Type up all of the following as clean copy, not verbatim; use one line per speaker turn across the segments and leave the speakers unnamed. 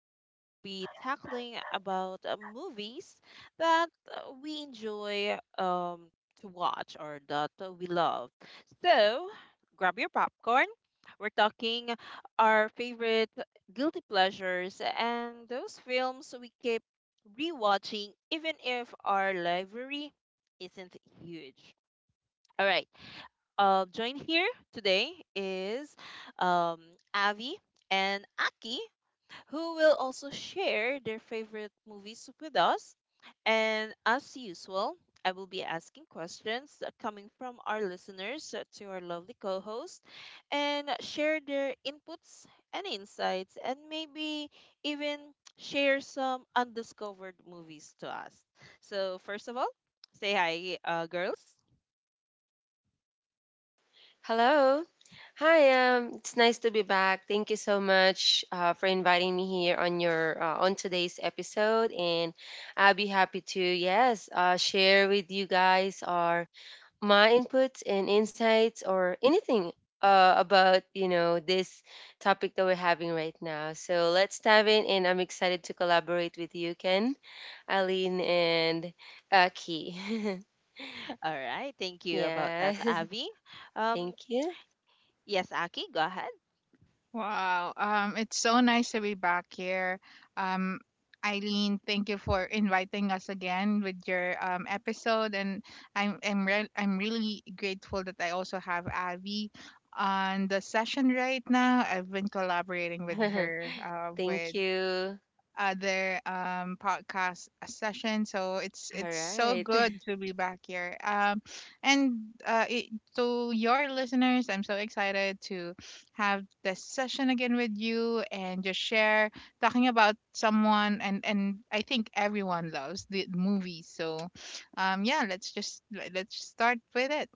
we will be tackling about movies that we enjoy to watch or that we love. So grab your popcorn. We're talking our favorite guilty pleasures and those films we keep rewatching even if our library isn't huge. All right, joined here today is um, Avi and Aki, who will also share their favorite movies with us. And as usual, I will be asking questions that coming from our listeners to our lovely co host and share their inputs and insights, and maybe even share some undiscovered movies to us. So, first of all, say hi, girls.
Hello. Hi. It's nice to be back. Thank you so much for inviting me here on your on today's episode, and I'll be happy to yes share with you guys our my inputs and insights or anything about this topic that we're having right now. So let's dive in, and I'm excited to collaborate with you, Ken, Aline, and Key.
All right. Thank you about
Yeah.
that, Avi. Um,
Thank you.
yes, Aki, go ahead.
Wow. It's so nice to be back here. Um, Eileen, thank you for inviting us again with your episode, and I'm really grateful that I also have Abby on the session right now. I've been collaborating with her
Thank
with
you.
other podcast session, so it's
All
it's so
right.
good to be back here. And uh it, to your listeners, I'm so excited to have this session again with you and just share talking about someone, and I think everyone loves the movies. So um yeah let's just let's start with it.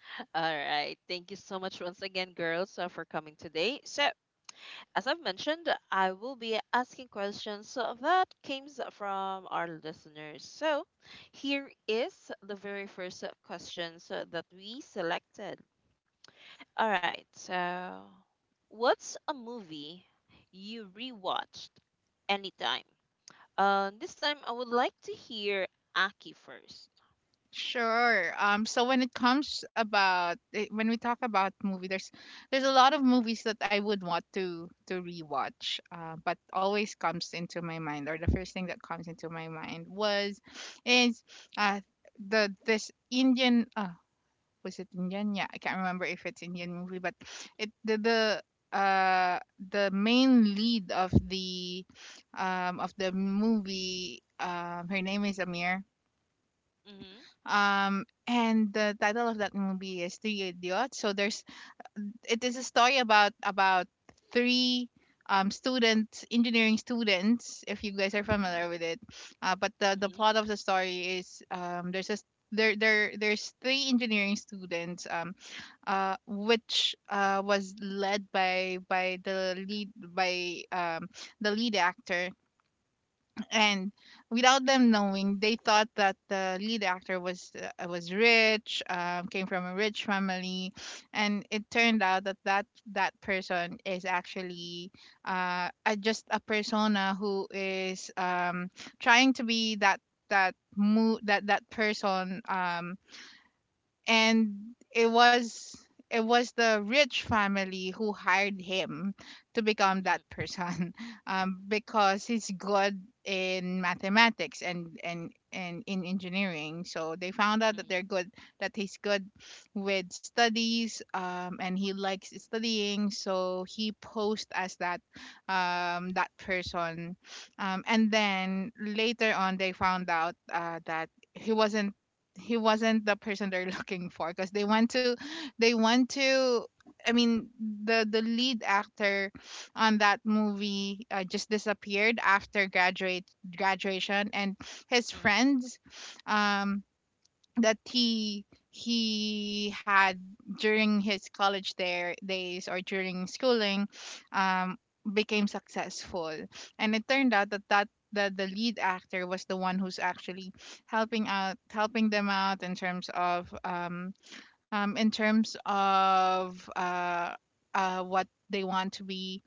All right. Thank you so much once again, girls, for coming today. So, as I've mentioned, I will be asking questions that came from our listeners. So, here is the very first questions that we selected. All right. So, what's a movie you rewatched anytime? This time, I would like to hear Aki first.
Sure. So when it comes about, when we talk about movie, there's a lot of movies that I would want to rewatch. But always comes into my mind, or the first thing that comes into my mind was, is uh the this Indian, was it Indian? Yeah, I can't remember if it's Indian movie, but it uh the main lead of the movie, her name is Amir,
Mhm.
and the title of that movie is Three Idiots. So there's it is a story about three students, engineering students, if you guys are
Mhm.
familiar with it. But the the
Mhm.
plot of the story is, there's three engineering students, which was led by the lead actor, and without them knowing, they thought that the lead actor was rich, came from a rich family, and it turned out that that person is actually, just a persona who is, trying to be that that person, and it was, it was the rich family who hired him to become that
Mhm.
person because he's good in mathematics, and in engineering, so they found out that they're
Mhm.
good, that he's good with studies, and he likes studying, so he posed as that, that person. And then later on they found out that he wasn't, he wasn't the person they're looking for, because they want to, they want to i mean the lead actor on that movie just disappeared after graduate graduation, and his
Mhm.
friends, um that he had during his college there days or during schooling, um became successful, and it turned out the lead actor was the one who's actually helping them out in terms of, um in terms of uh what they want to be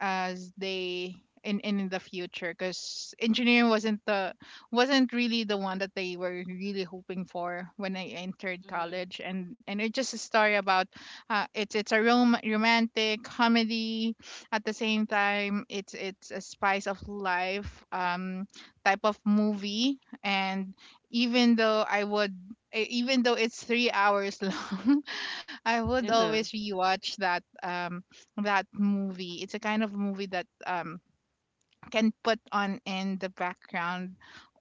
as they in the future, because engineering wasn't the, wasn't really the one that they were really hoping for when I entered
Mhm.
college. And it's just a story about, it's a romantic comedy. At the same time, it's a spice of life type of movie. And even though I would, even though it's 3 hours long, I would always
Mhm.
rewatch that, that movie. It's a kind of movie that can put on in the background,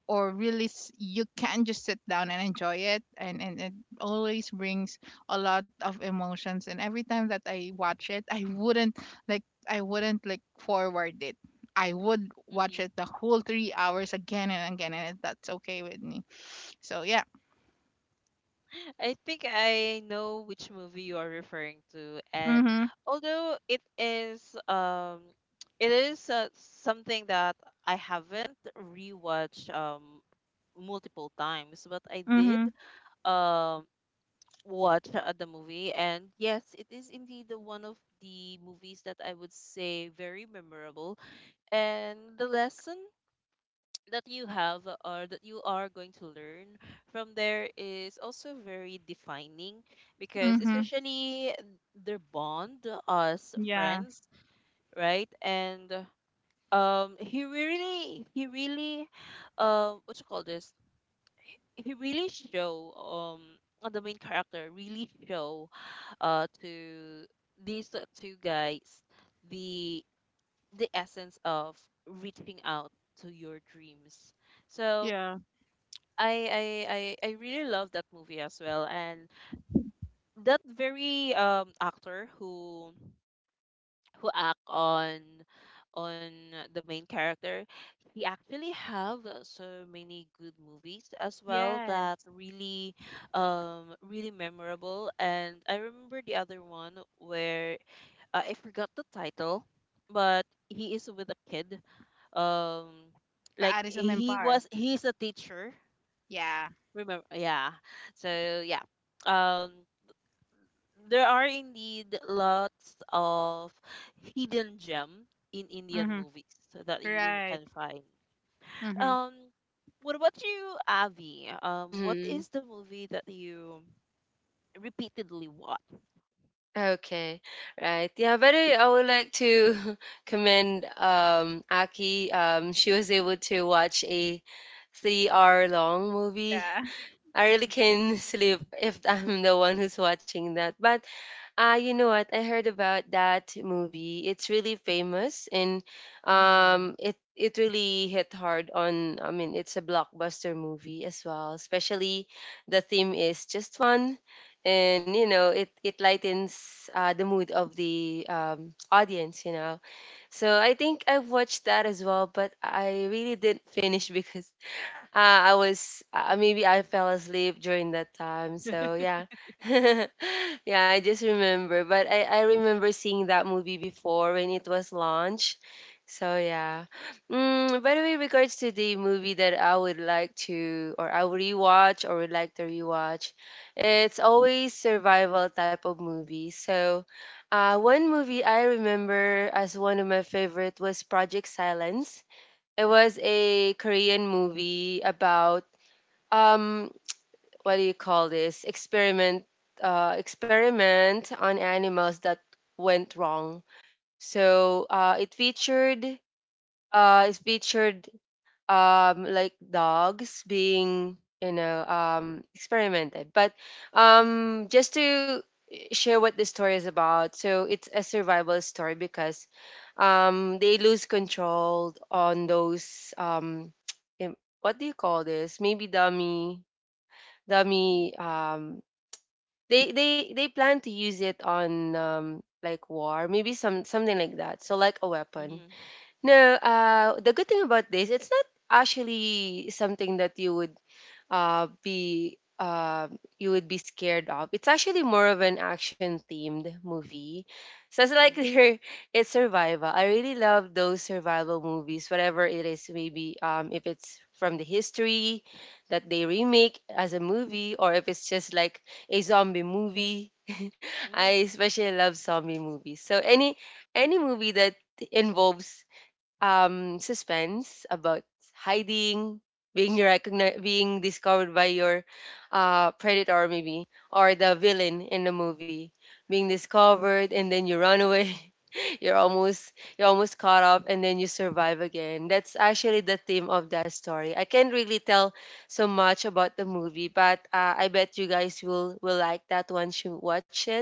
or really, you can just sit down and enjoy it, and it always brings a lot of emotions, and every time that I watch it I wouldn't, like, I wouldn't like forward it. I would watch
Mhm.
it the whole 3 hours again and again, and that's okay with me. So yeah.
I think I know which movie you are referring to, and
Mhm.
although it is, it is, something that I haven't rewatched multiple times, but I
Mhm.
did um watch the movie. And yes, it is indeed the one of the movies that I would say very memorable. And the lesson that you have or that you are going to learn from there is also very defining, because
Mhm.
especially their bond as
Yeah.
friends, right? And he really, what you call this, he really show, um on the main character, really show to these two guys the the essence of reaching out to your dreams. So
Yeah.
I I I I really love that movie as well, and that very actor who act on on the main character, he actually have so many good movies as well that
Yes.
really, really memorable. And I remember the other one where, I forgot the title, but he is with a kid. Um, like,
Taari sa Mempar.
he's a teacher.
Yeah.
Remember? Yeah. So, yeah, um, there are indeed lots of hidden gem in Indian
Mhm.
movies that you
Right.
can find.
Mhm.
Um, what about you, Avi? What
Mm-hmm.
is the movie that you repeatedly watch?
Okay. Right. Yeah, but I would like to commend Aki. Um, she was able to watch a 3 hour long movie.
Yeah.
I really can sleep if I'm the one who's watching that. But you know what? I heard about that movie. It's really famous and
Mm-hmm.
it it really hit hard on. I mean, it's a blockbuster movie as well. Especially the theme is just fun, and you know, it lightens the mood of the audience. You know, so I think I've watched that as well, but I really didn't finish because I was maybe I fell asleep during that time. So yeah, yeah, I just remember. But I remember seeing that movie before when it was launched. So yeah. Mm, by the way, regards to the movie that I would like to or I would rewatch or would like to rewatch, it's always survival type of movie. So. One movie I remember as one of my favorite was Project Silence. It was a Korean movie about um what do you call this? Experiment on animals that went wrong. So it featured uh it featured like dogs being you know experimented. But just to share what the story is about. So it's a survival story because they lose control on those im- what do you call this maybe dummy dummy. They plan to use it on like war, maybe something like that, so like a weapon.
Mm-hmm.
No, the good thing about this, it's not actually something that you would be you would be scared of. It's actually more of an action themed movie. So it's like
Mm-hmm.
there, it's survival. I really love those survival movies, whatever it is, maybe if it's from the history that they remake as a movie, or if it's just like a zombie movie. I
Mm-hmm.
especially love zombie movies. So any movie that involves suspense about hiding, being recognized, being discovered by your predator, maybe, or the villain in the movie, being discovered, and then you run away. You're almost you're almost caught up and then you survive again. That's actually the theme of that story. I can't really tell so much about the movie, but I bet you guys will like that once you watch it.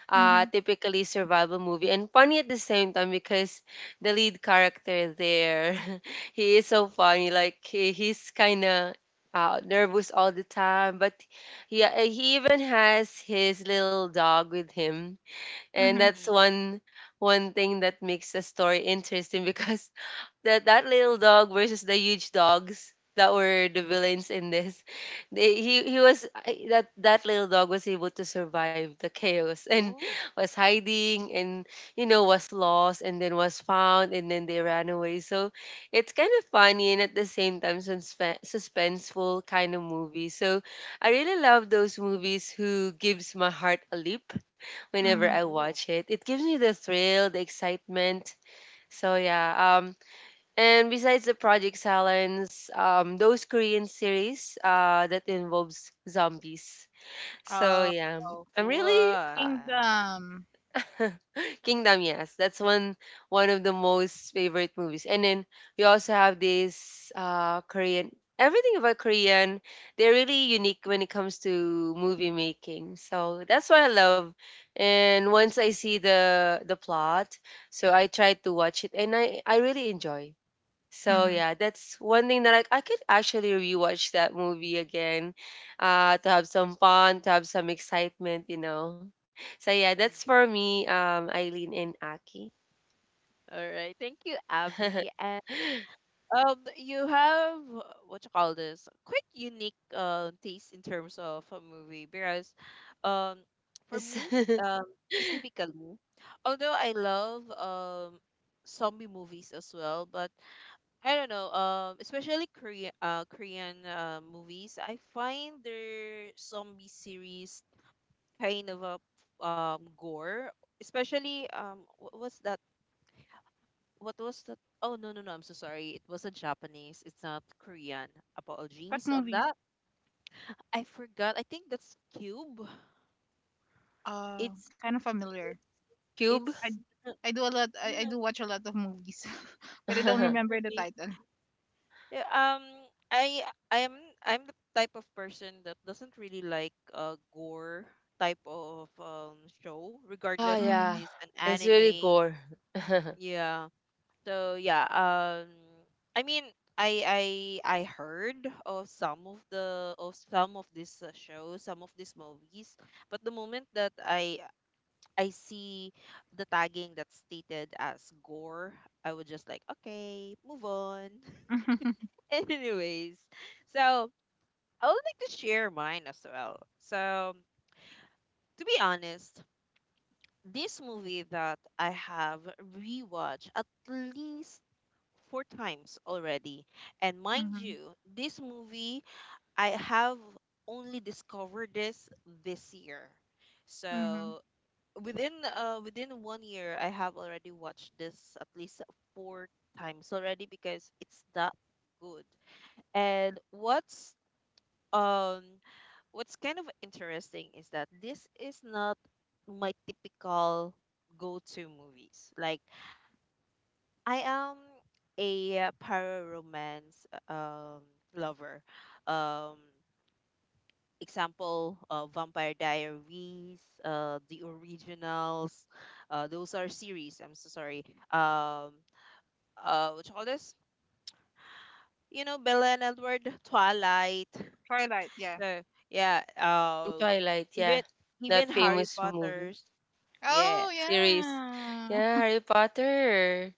Mhm.
Typically survival movie and funny at the same time because the lead character there he is so funny. Like he's kind of nervous all the time, but yeah, he even has his little dog with him, and
Mhm.
that's
Mm-hmm.
one thing that makes the story interesting because that little dog versus the huge dogs that were the villains in this. They, he was I- That that little dog was able to survive the chaos and
Ooh,
was hiding and you know was lost and then was found and then they ran away. So it's kind of funny and at the same time suspenseful kind of movie. So I really love those movies who gives my heart a leap whenever
Mhm.
I
ooh,
watch it. It gives me the thrill, the excitement. So yeah, and besides the Project Silence, those Korean series that involves zombies. So
Oh,
yeah, I'm really
wow.
Kingdom.
Kingdom. Yes, that's one of the most favorite movies. And then we also have this Korean. Everything about Korean, they're really unique when it comes to movie making. So that's what I love. And once I see the plot, so I try to watch it, and I really enjoy. So
Mhm.
yeah, that's one thing that I could actually rewatch that movie again, to have some fun, to have some excitement, you know. So yeah, that's
Mm.
for me, Eileen and Aki.
All right. Thank you, Abby. You have, what you call this, quite unique taste in terms of a movie. Because, um, for
Yes.
me, um, specifically, although I love zombie movies as well, but I don't know, especially Korean movies, I find their zombie series kind of a, gore, especially, what's that? What was that? Oh, no, no, no, I'm so sorry, it wasn't Japanese, it's not Korean.
What
Apologies on
movie?
that. I forgot. I think that's Cube. it's
Kind of familiar.
it,
Cube.
I
it's no
I do a lot. I,
no,
I do
no,
watch a lot of movies, but I don't remember the
really.
title.
Yeah. Um i i'm i'm the type of person that doesn't really like gore type of show,
Ah
regardless if it
Mhm.
yeah,
is an
it's really
anime.
gore.
Yeah. So, yeah, I mean, I heard of some of the of some of these shows, some of these movies. But the moment that I see the tagging that's stated as gore, I would just like, okay, move on. Anyways, so I would like to share mine as well. So, to be honest, this movie that I have rewatched at least four times already. And mind
Mhm.
you, this movie, I have only discovered this, this year.
Mhm.
So within, one year, I have already watched this at least four times already, because it's that good. And um what's kind of interesting is that this is not my typical go-to movies. Like, I am a para romance lover. Um example, Vampire Diaries, The Originals, those are series. I'm so sorry. Um what you call this? You know, Bella and Edward, Twilight.
Twilight. Yeah.
So, yeah,
Mm, Twilight, yeah,
even
that
even Harry
famous movie
Potter's. Yeah.
Oh
series.
yeah.
Yeah, Harry Potter.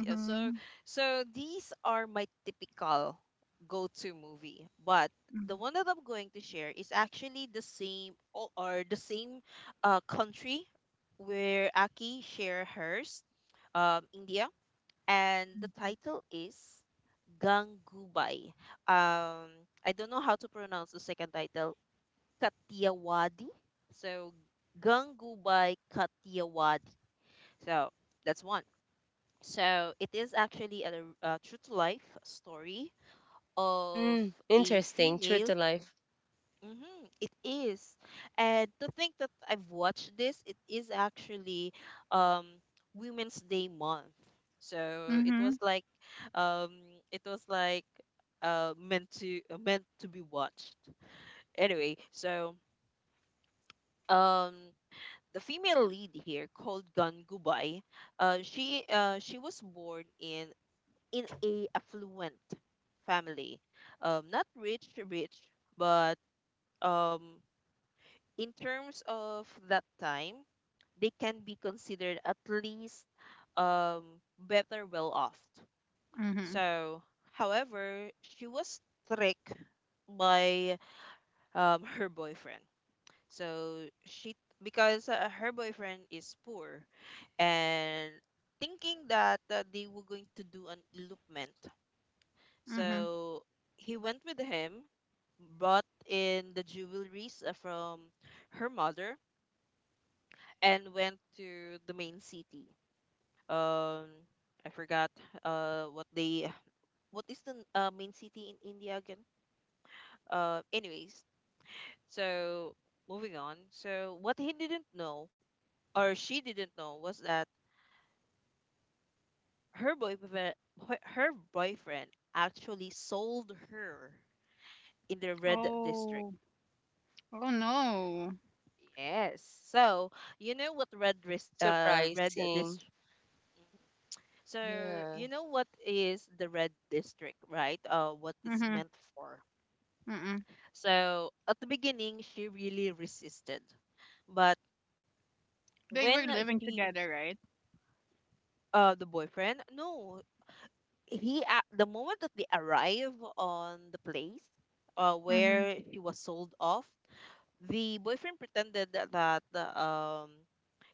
Yeah, so, these are my typical go-to movie. But the
Mhm.
one that I'm going to share is actually the same, or the same country where Aki share hers, India, and the title is Gangubai. Um, I don't know how to pronounce the second title, Kathiawadi. So, Gangubai Kathiawadi. So that's one. So it is actually a true to life story of
Mm,
a
interesting. True
female.
to life.
Hmm, it is. And to think that I've watched this, it is actually, um, Women's Day month. So
Mhm.
um, it was like meant to meant to be watched. Anyway, so, um, the female lead here called Gangubai, she was born in a affluent family, not rich rich, but um in terms of that time, they can be considered at least, better well off.
Mhm.
So, however, she was tricked by her boyfriend. So she Because, her boyfriend is poor, and thinking that, they were going to do an elopement.
Mhm.
So he went with him, brought in the jewelries, from her mother, and went to the main city. Um, I forgot, uh what they what is the main city in India again? Anyways, so, moving on. So, what he didn't know or she didn't know was that her boyfriend her boyfriend actually sold her in the red district.
Oh. Oh no.
Yes. So, you know, what red this—
Surprising.
Mhm. So,
Yeah.
you know what is the red district, right? What it's
Mhm.
meant for.
Mhm.
So, at the beginning she really resisted. But
They
when
were living
she
together, right?
the boyfriend— no, he, at the moment that they arrive on the place
Mhm.
where she was sold off, the boyfriend pretended that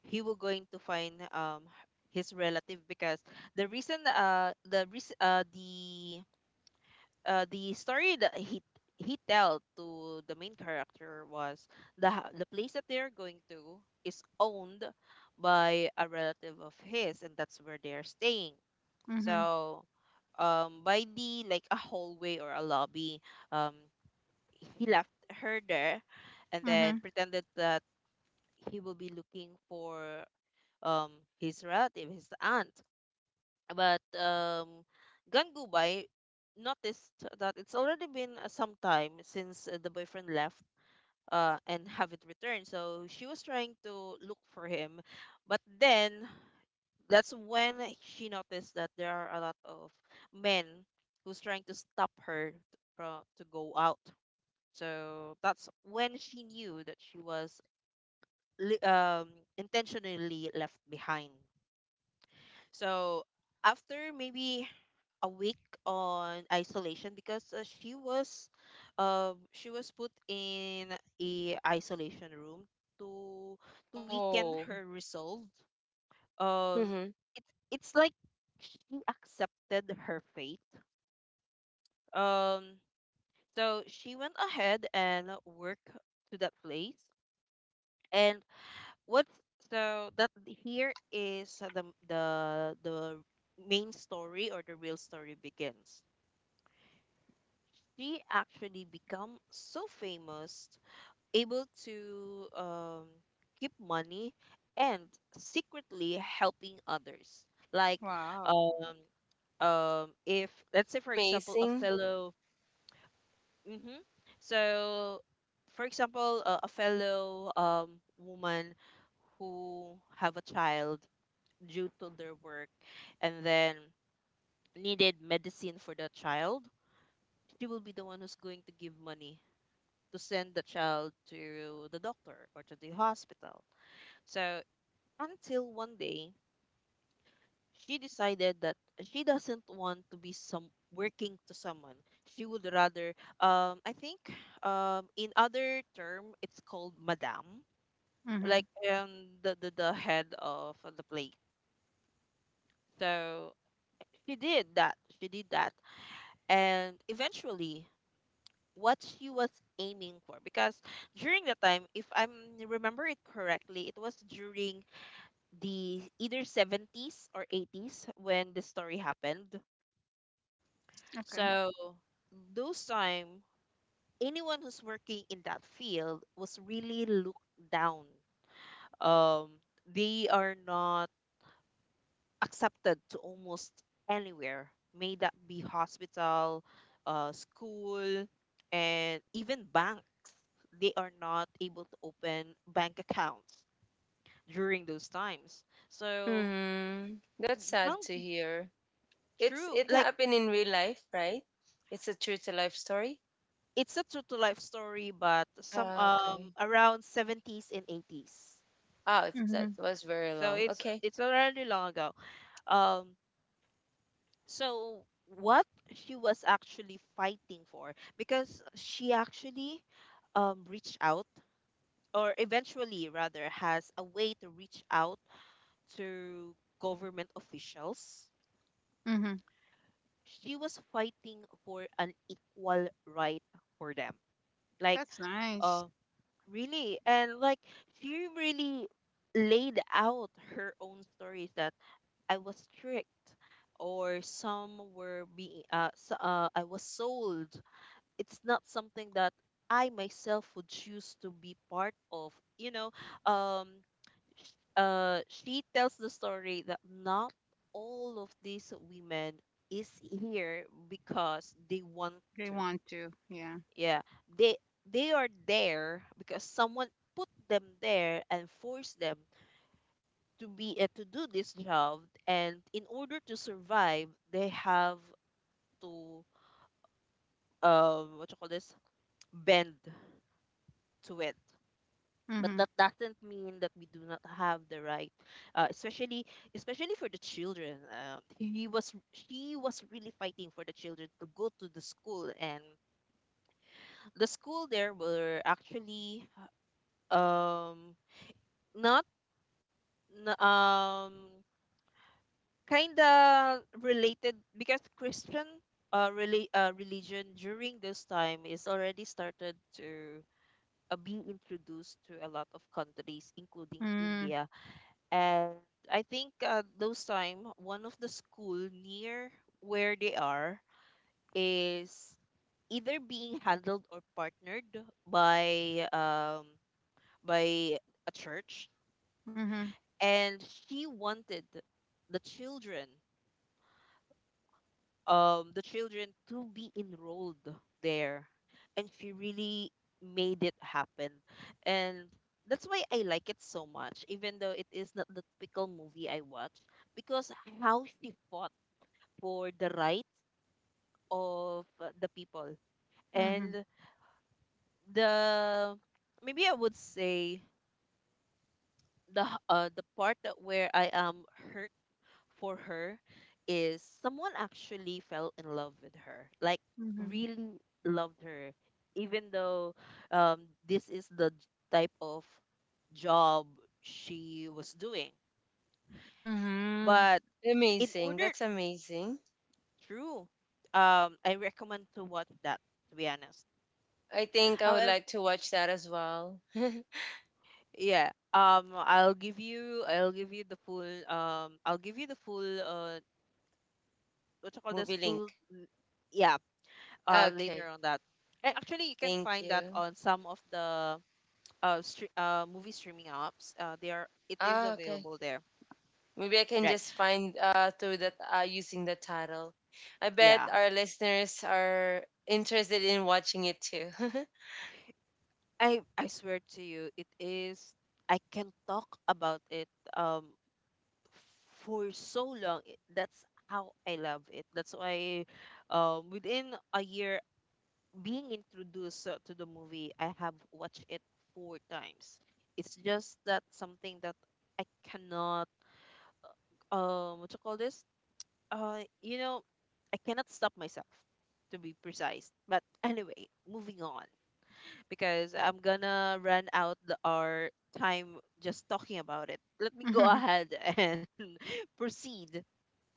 he was going to find his relative. Because the reason the reas- the story that he tell to the main character was— the place that they're going to is owned by a relative of his, and that's where they're staying.
Mhm.
So, by the, like, a hallway or a lobby, um he left her there, and then
Mhm.
pretended that he will be looking for um his relative, his aunt. But Gangubay noticed that it's already been, some time since, the boyfriend left, and haven't returned. So she was trying to look for him, but then that's when she noticed that there are a lot of men who's trying to stop her from to go out. So that's when she knew that she was, li- um, intentionally left behind. So after maybe a week on isolation, because, she was put in a isolation room to weaken
Oh.
her resolve. Um,
Mm-hmm.
it, it's like she accepted her fate. Um, so she went ahead and worked to that place, and what's— so that here is, the main story, or the real story, begins. She actually become so famous, able to, keep money, and secretly helping others. Like,
Wow.
um if let's say, for example, a
Amazing.
fellow— hmm so, for example, a fellow woman who have a child due to their work, and then needed medicine for the child, she will be the one who's going to give money to send the child to the doctor or to the hospital. So until one day, she decided that she doesn't want to be some working to someone. She would rather, I think, in other term, it's called madam,
Mhm.
like, the, the head of the play. So she did that. She did that. And eventually, what she was aiming for, because during the time, if I remember it correctly, it was during the either 70s or 80s when the story happened.
Okay.
So, those time, anyone who's working in that field was really looked down. Um they are not accepted to almost anywhere, may that be hospital, school, and even banks. They are not able to open bank accounts during those times. So,
Hmm. That's
no,
sad to hear. It's
true.
it
Like,
happened in real life, right? It's a true to life story.
it's a true to life story, but some,
Ah, okay.
around 70s and 80s.
Oh, it's that
Mhm.
was very
So
long.
it's
Okay.
already long ago. Um, So, what she was actually fighting for, because she actually, reached out, or eventually rather, has a way to reach out to government officials.
Mhm.
She was fighting for an equal right for them. Like,
That's nice.
uh, really, and like she really laid out her own stories that I was tricked, or some were being, so, I was sold. It's not something that I myself would choose to be part of. You know, um, she tells the story that not all of these women is here because they want
They
to.
want to. Yeah.
Yeah, they they are there because someone put them there and forced them to be to do this job. And in order to survive, they have to, what you call this, bend to it, but
Mhm.
that doesn't mean that we do not have the right, uh, especially especially for the children. He was She was really fighting for the children to go to the school, and the school there were actually, um not n- kind of related because Christian religion during this time is already started to, be introduced to a lot of countries including
Mm.
India. And I think, those time, one of the school near where they are is either being handled or partnered by um by a church,
Mhm.
and she wanted, the children the children to be enrolled there, and she really made it happen, and that's why I like it so much, even though it is not the typical movie I watch, because how she fought for the rights of, the people.
Mhm.
And the maybe I would say the part that where I am hurt for her is someone actually fell in love with her, like
Mhm.
really loved her, even though, this is the type of job she was doing.
Hmm.
But in
Amazing.
order
That's amazing.
true, I recommend to watch that, to be honest.
I think I would
However.
like to watch that as well.
Yeah. I'll give you the full what you call this,
Movie
full
link.
yeah, later
Okay.
on that. And actually you can
Thank
find that
you.
on some of the movie streaming apps. They are It is
Ah, okay.
available there.
Maybe I can
Right.
just find through that using the title. I bet
Yeah.
our listeners are interested in watching it too.
I swear to you. It is I can talk about it, um for so long. That's how I love it. That's why, within a year being introduced, to the movie, I have watched it four times. It's just that, something that I cannot, what you call this? You know, I cannot stop myself, to be precise. But anyway, moving on, because I'm gonna run out the our time just talking about it. Let me go
Mhm.
ahead and proceed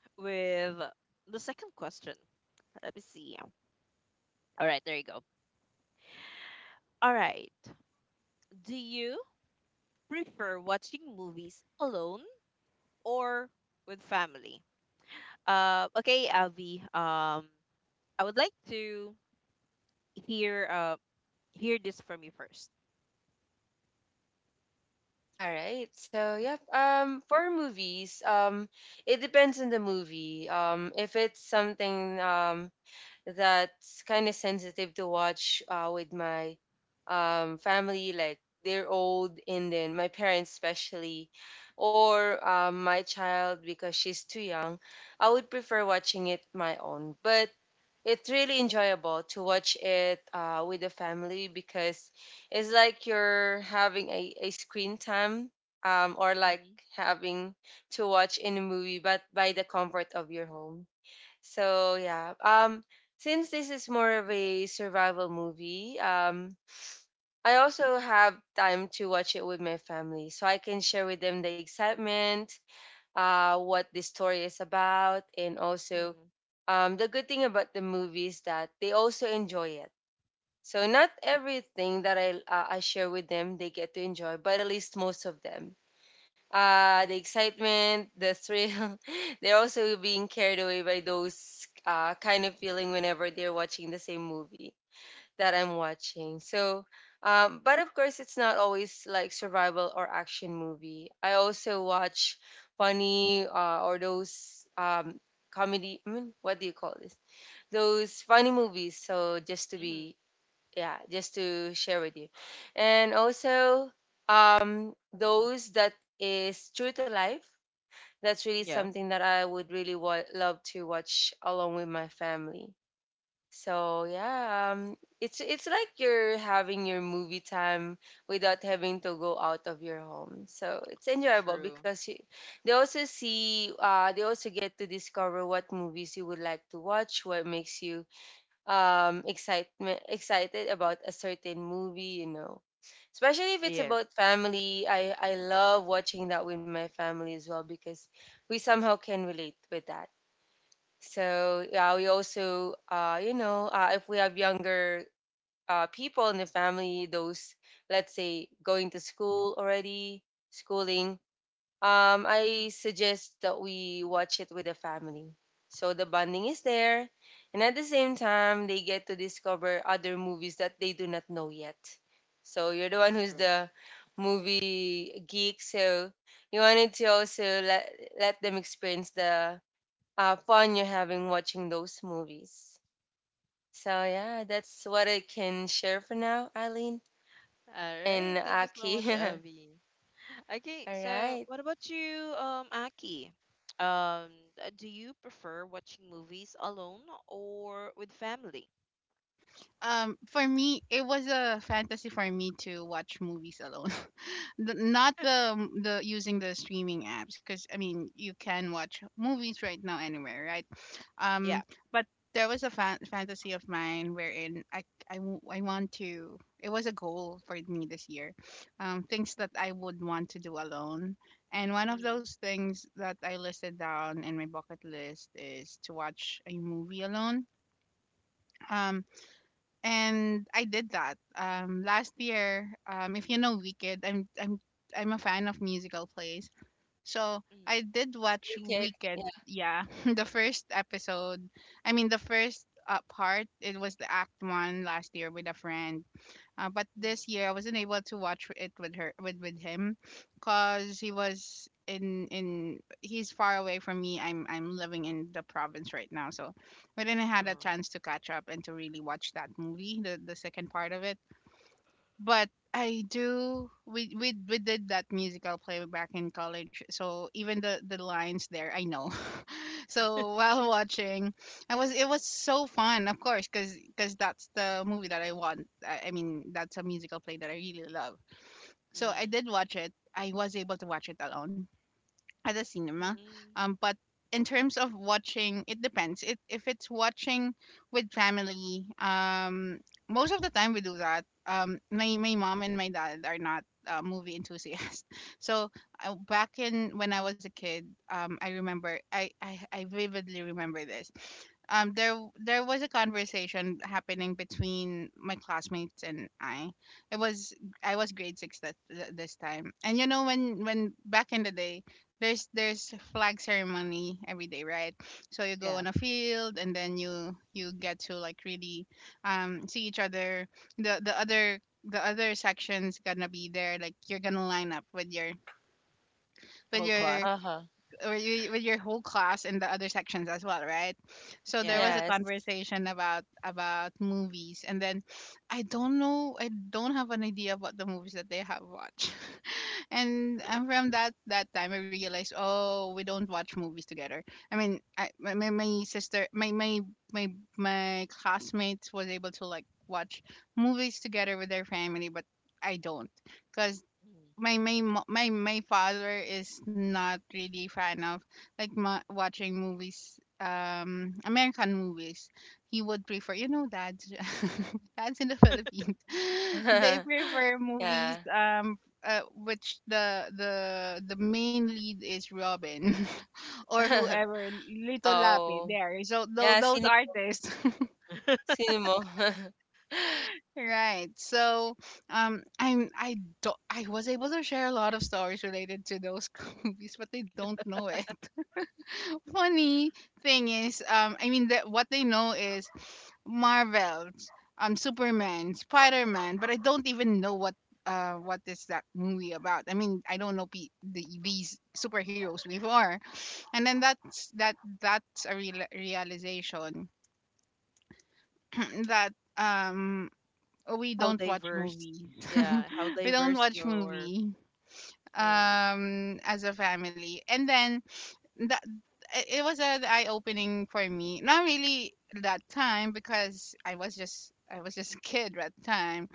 with the second question. Let me see. All right, there you go. All right. Do you prefer watching movies alone or with family? Okay, Alvi. I would like to hear uh hear this from you first.
All right. So yeah, for movies, it depends on the movie. If it's something that's kind of sensitive to watch with my family, like they're old, and then my parents especially, or my child because she's too young, I would prefer watching it my own. But it's really enjoyable to watch it with the family because it's like you're having a screen time or like
Mm-hmm.
having to watch in a movie but by the comfort of your home. So yeah, since this is more of a survival movie, I also have time to watch it with my family, so I can share with them the excitement, what the story is about, and also the good thing about the movie is that they also enjoy it. So not everything that I share with them they get to enjoy, but at least most of them. The
Mm-hmm.
excitement, the thrill, they're also being carried away by those kind of feeling whenever they're watching the same movie that I'm watching. So, but of course, it's not always like survival or action movie. I also watch funny or those comedy. I mean, what do you call this? Those funny movies. So just to be,
Mm-hmm.
yeah, just to share with you, and also those that is true to life. That's really
Yeah,
something that I would really love to watch along with my family. So yeah, it's like you're having your movie time without having to go out of your home. So it's enjoyable
true.
because they also see, they also get to discover what movies you would like to watch, what makes you excitement excited about a certain movie, you know. Especially if it's
Yes.
about family, I love watching that with my family as well because we somehow can relate with that. So yeah, we also, you know, if we have younger people in the family, those let's say going to school already, schooling,
Mhm.
I suggest that we watch it with the family. So the bonding is there, and at the same time, they get to discover other movies that they do not know yet. So you're the one who's
True.
the movie geek, so you wanted to also let them experience the fun you're having watching those movies. So yeah, that's what I can share for now, Eileen
All right.
and
Thank you so
Aki.
much, Avi. Okay,
All
so
right,
what about you, Aki? Um, do you prefer watching movies alone or with family?
For me, it was a fantasy for me to watch movies alone. Not the, the using the streaming apps, because I mean you can watch movies right now anywhere, right? Um,
Yeah.
but there was a fantasy of mine wherein I want to. It was a goal for me this year, things that I would want to do alone. And one of
Mm-hmm.
those things that I listed down in my bucket list is to watch a movie alone. Um, and I did that, last year. If you know Wicked, I'm a fan of musical plays, so I
Mm-hmm.
did watch
we could
Wicked.
yeah,
Yeah, the first episode. I mean, the first part. It was the act one last year with a friend, but this year I
Mm-hmm.
wasn't able to watch it with her, with him, cause he was in he's far away from me. I'm living in the province right now, so we didn't had a
Uh-huh.
chance to catch up and to really watch that movie, the second part of it. But I do, we did that musical play back in college, so even the lines there I know. So while watching, I was it was so fun, of course, because, that's the movie that I want. I mean, that's a musical play that I really love. So I
Mm.
did watch it. I was able to watch it alone at the cinema.
Mm.
But in terms of watching, it depends. It, if it's watching with family, most of the time we do that. My mom and my dad are not, movie enthusiasts. So, back in when I was a kid, I remember, I vividly remember this. There was a conversation happening between my classmates and I. It was, I was grade six that this time, and you know when, back in the day, there's flag ceremony every day, right? So you go
Yeah,
on a field, and then you get to like really, see each other. The, the other section's gonna be there, like you're gonna line up with
whole
your
class.
uh huh,
with your whole class and the other sections as well, right? So
Yeah,
there was
yeah.
a
yes,
conversation about, movies, and then I don't know, I don't have an idea about the movies that they have watched. and From that, time I realized, oh, we don't watch movies together. I mean, I, my sister my my my my classmates was able to like watch movies together with their family, but I don't, because
Mm.
my mo- my father is not really fan of like, watching movies, American movies. He would prefer, you
Mm.
know, dads dads in the Philippines. They prefer movies,
yeah.
which the main lead is Robin, or whoever little Lapi
Oh
there, so
yeah,
those
cinema,
artists.
cinema.
Right. So, I'm I don't I was able to share a lot of stories related to those movies, but they don't know it. Funny thing is, I mean, that what they know is Marvels, Superman, Spider Man, but I don't even know what, what is that movie about. I mean, I don't know, these superheroes before, and then that's that, that's a real realization that, um we
How
don't watch
diverse.
movies.
Yeah, how
We don't
diverse
watch
your.
movie
Uh,
as a family. And then that it was an eye opening for me. Not really that time, because I was just a kid at the time,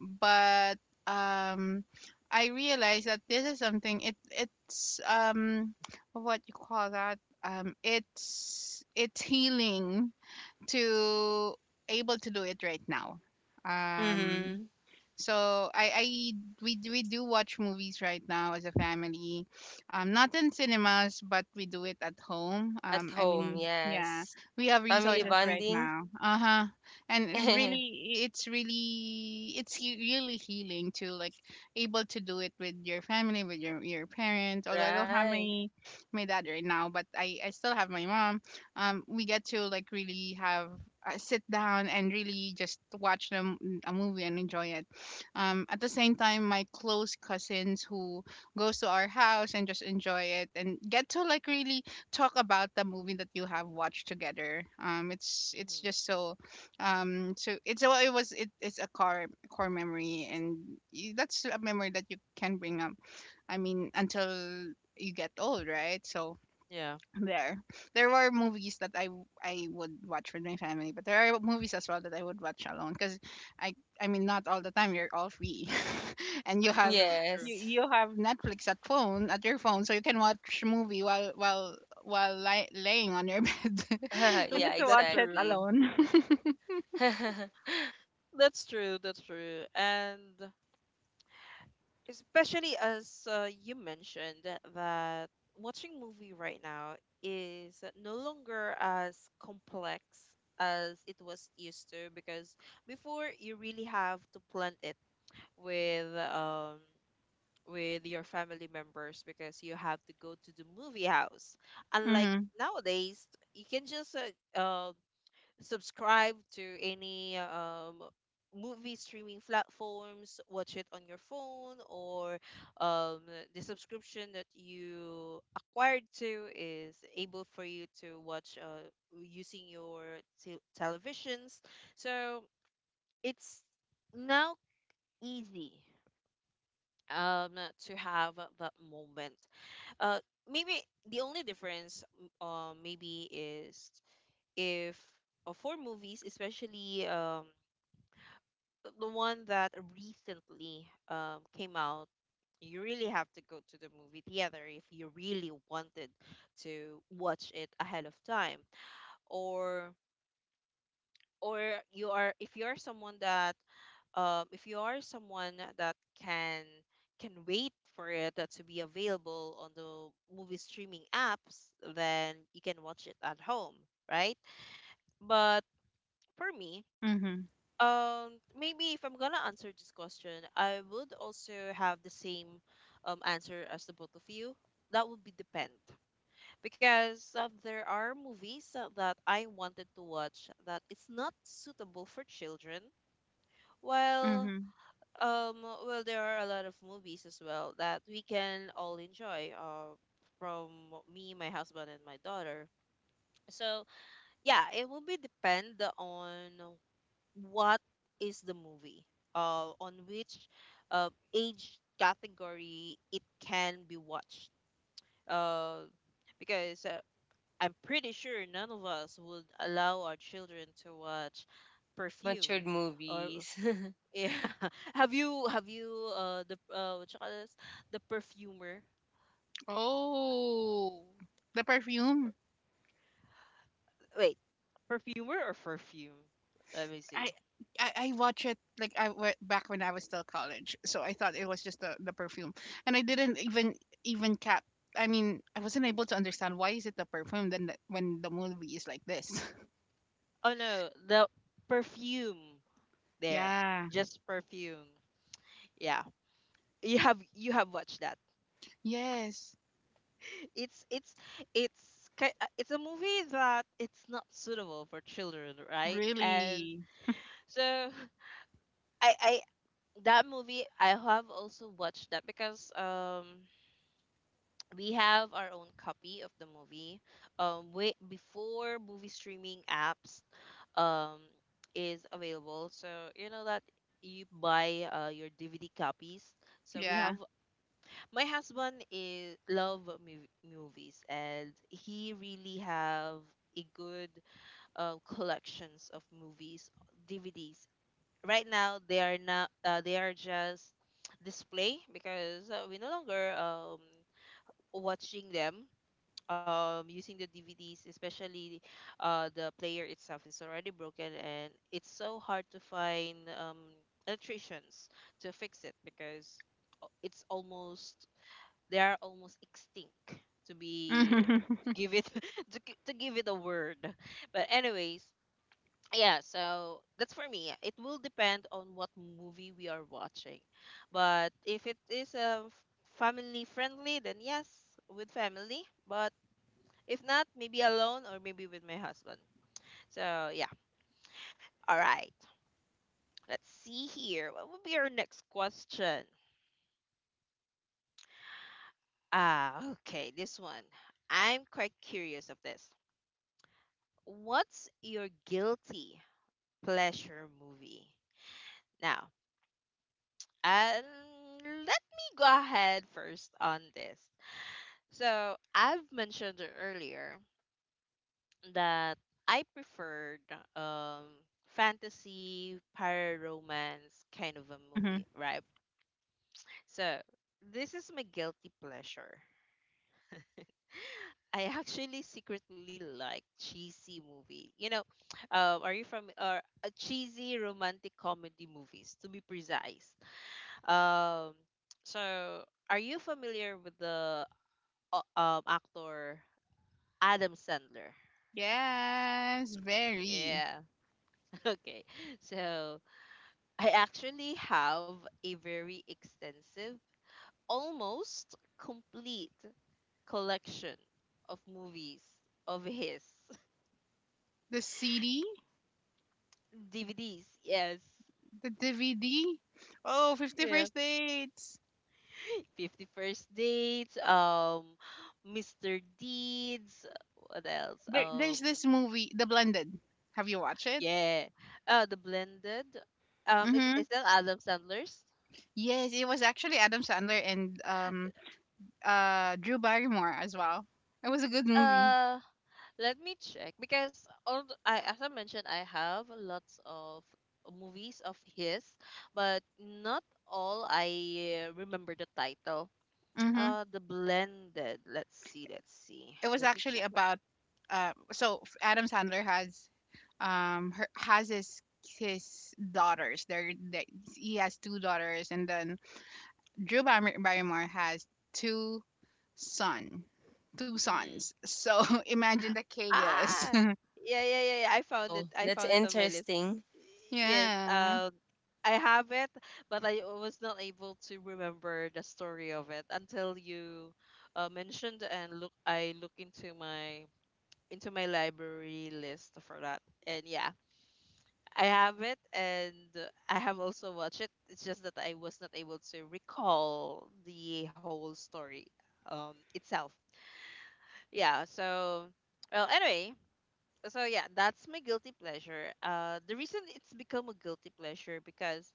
but um I realized that this is something, it's, what you call that it's healing to able to do it right now,
mm.
um
Mm-hmm.
so I we, we do watch movies right now as a family, not in cinemas, but we do it at home.
At
I
home,
mean, yeah,
yes.
we have
Family
Yeah.
resources right
bonding,
now. Uh huh. And really, it's really it's, really healing to like able to do it with your family, with your parents. Although I don't have
right?
my my dad right now, but I still have my mom. We get to like really have, sit down and really just watch them a movie and enjoy it, at the same time my close cousins who goes to our house and just enjoy it, and get to like really talk about the movie that you have watched together. It's
Mm-hmm.
just so, it's a, it was it, it's a core core memory, and that's a memory that you can bring up, I mean, until you get old, right? So
Yeah.
there. There were movies that I would watch with my family, but there are movies as well that I would watch alone because I I mean not all the time you're all free, and you have
True. True.
you
Yes.
you have Netflix at phone, so you can watch movie while laying on your bed and
Yeah,
just
That's
watch it
true.
exactly.
alone.
That's true. That's true. And especially as, you mentioned that watching movie right now is no longer as complex as it was used to, because before you really have to plan it with, with your family members, because you have to go to the movie house. Unlike
mhm
nowadays, you can just subscribe to any, movie streaming platforms, watch it on your phone, or, um, the subscription that you acquired to is able for you to watch, using your televisions. So it's now easy, um to have that moment. uh Maybe the only difference, maybe is, if, for movies especially, the one that recently, came out, you really have to go to the movie theater if you really wanted to watch it ahead of time, or or you are if you're someone that, if you are someone that can can wait for it, to be available on the movie streaming apps, then you can watch it at home, right? But for me,
mhm
um, maybe if I'm gonna answer this question, I would also have the same, answer as the both of you. That would be depend, because there are movies that I wanted to watch that it's not suitable for children, while.
mhm.
Um, well, there are a lot of movies as well that we can all enjoy. From me, my husband, and my daughter. So yeah, it will be depend on what is the movie. On which, age category it can be watched. Uh, because, I'm pretty sure none of us would allow our children to watch Perfume,
Matured
or
movies.
yeah. Have you the what you call this? The Perfumer.
Oh, the perfume.
Wait, perfumer or perfume? Let me
I
see.
I watch it like I went back when I was still college, so I thought it was just the perfume, and I didn't even cap. I mean, I wasn't able to understand why is it the perfume then when the movie is like this.
Oh no, the perfume there.
Yeah.
Just perfume. Yeah. You have watched that.
Yes.
It's it's it's a movie that it's not suitable for children, right? And
Really.
so, I I I have also watched that, because, we have our own copy of the movie. Way before movie streaming apps, um, is available. So you know that you buy, your DVD copies. So we have.
Yeah.
My husband is love movies, and he really have a good, collections of movies DVDs. Right now, they are not. They are just display, because, we no longer, watching them, using the DVDs, especially the player itself is already broken, and it's so hard to find, electricians to fix it, because, it's almost, they are almost extinct to be
Mm-hmm.
give it to give it a word. But anyways, yeah, so that's for me. It will depend on what movie we are watching. But if it is a family friendly, then yes, with family. But if not, maybe alone or maybe with my husband. So yeah. All right. Let's see here. What would be our next question? Ah, okay. This one. I'm quite curious of this. What's your guilty pleasure movie? Now, um, let me go ahead first on this. So I've mentioned earlier that I preferred, um fantasy, para romance kind of a movie, right? So, this is my guilty pleasure. I actually secretly like cheesy movie. You know, are you from, or, cheesy romantic comedy movies, to be precise? Um, so, are you familiar with the, actor Adam Sandler?
Yes. Very.
Yeah. Okay. So I actually have a very extensive, almost complete collection of movies of his
The CD,
DVDs. Yes.
the DVD. Oh, Fifty
Yeah.
First dates.
51st Dates, Mr. Deeds, what else?
There's this movie, The Blended. Have you watched it?
Yeah. The Blended. Is
Mm-hmm.
is that Adam Sandler's?
Yes, it was actually Adam Sandler and Drew Barrymore as well. It was a good movie.
Uh Let me check, because I as I mentioned, I have lots of movies of his, but not all I remember the title.
Mhm.
The Blended. Let's see. Let's see.
It was
Let me
actually
check my.
about Adam Sandler has her, has his daughters. They're, they he has two daughters, and then Barrymore has two son, two
Mm.
sons. So imagine the chaos.
Ah, yeah, yeah, yeah, yeah. I found
Oh,
it. I
that's
found it on my list.
interesting.
Yes.
Yeah.
I have it, but I was not able to remember the story of it until you, mentioned, and look. I look into my library list for that, and yeah, I have it, and I have also watched it. It's just that I was not able to recall the whole story, itself. Yeah, so, well anyway, so yeah, that's my guilty pleasure. The reason it's become a guilty pleasure, because,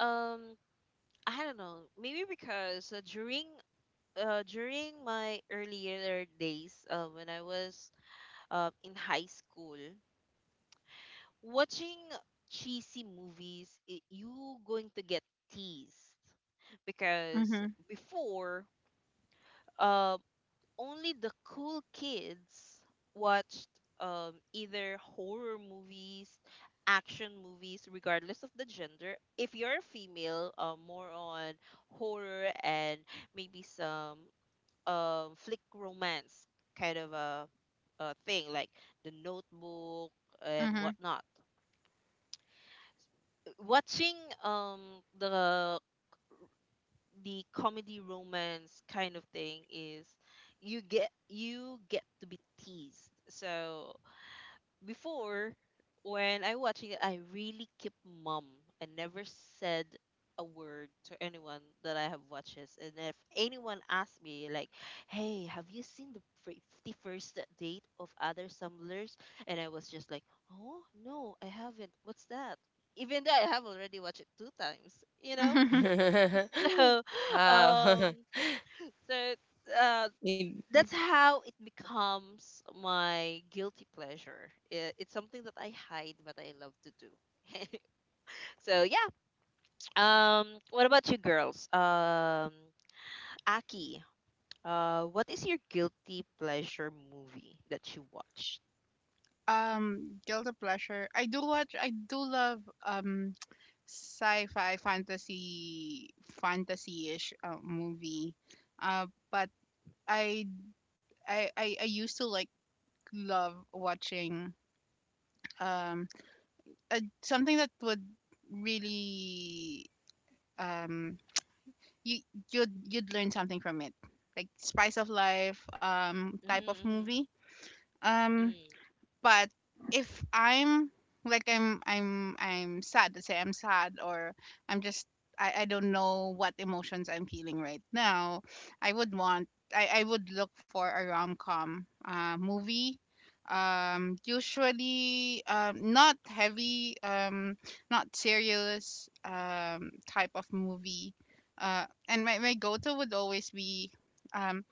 um I don't know, maybe because, during my earlier days, when I was, in high school, watching cheesy movies, it, you going to get teased, because
Mhm.
before, uh, only the cool kids watched, either horror movies, action movies, regardless of the gender. If you're a female, more on horror, and maybe some, flick romance kind of, a thing like The Notebook and
Mhm.
whatnot. Watching, um the the comedy romance kind of thing, is you get to be teased, so before when I watching it, I really keep mum. I never said a word to anyone that I have watches. And if anyone asks me, like, "Hey, have you seen the 51st date of other samblers?" And I was just like, "Oh no, I haven't. What's that?" Even though I have already watched it two times, you know.
Oh,
So, um, so uh,
y-
that's how it becomes my guilty pleasure. It's something that I hide, but I love to do. So yeah. What about you, girls? Aki, what is your guilty pleasure movie that you watched?
Guilty pleasure. I do watch. I do love sci-fi fantasy-ish movie. Uh, but I, I used to love watching um something that would really um you you'd learn something from it, like Spice of Life type of
Mm-hmm.
movie. Um,
Mm.
but if I'm like I'm sad, let's say I'm sad or I'm just I don't know what emotions I'm feeling right now. i would want I would look for a rom-com movie, usually not heavy not serious type of movie. Uh, and my go-to would always be um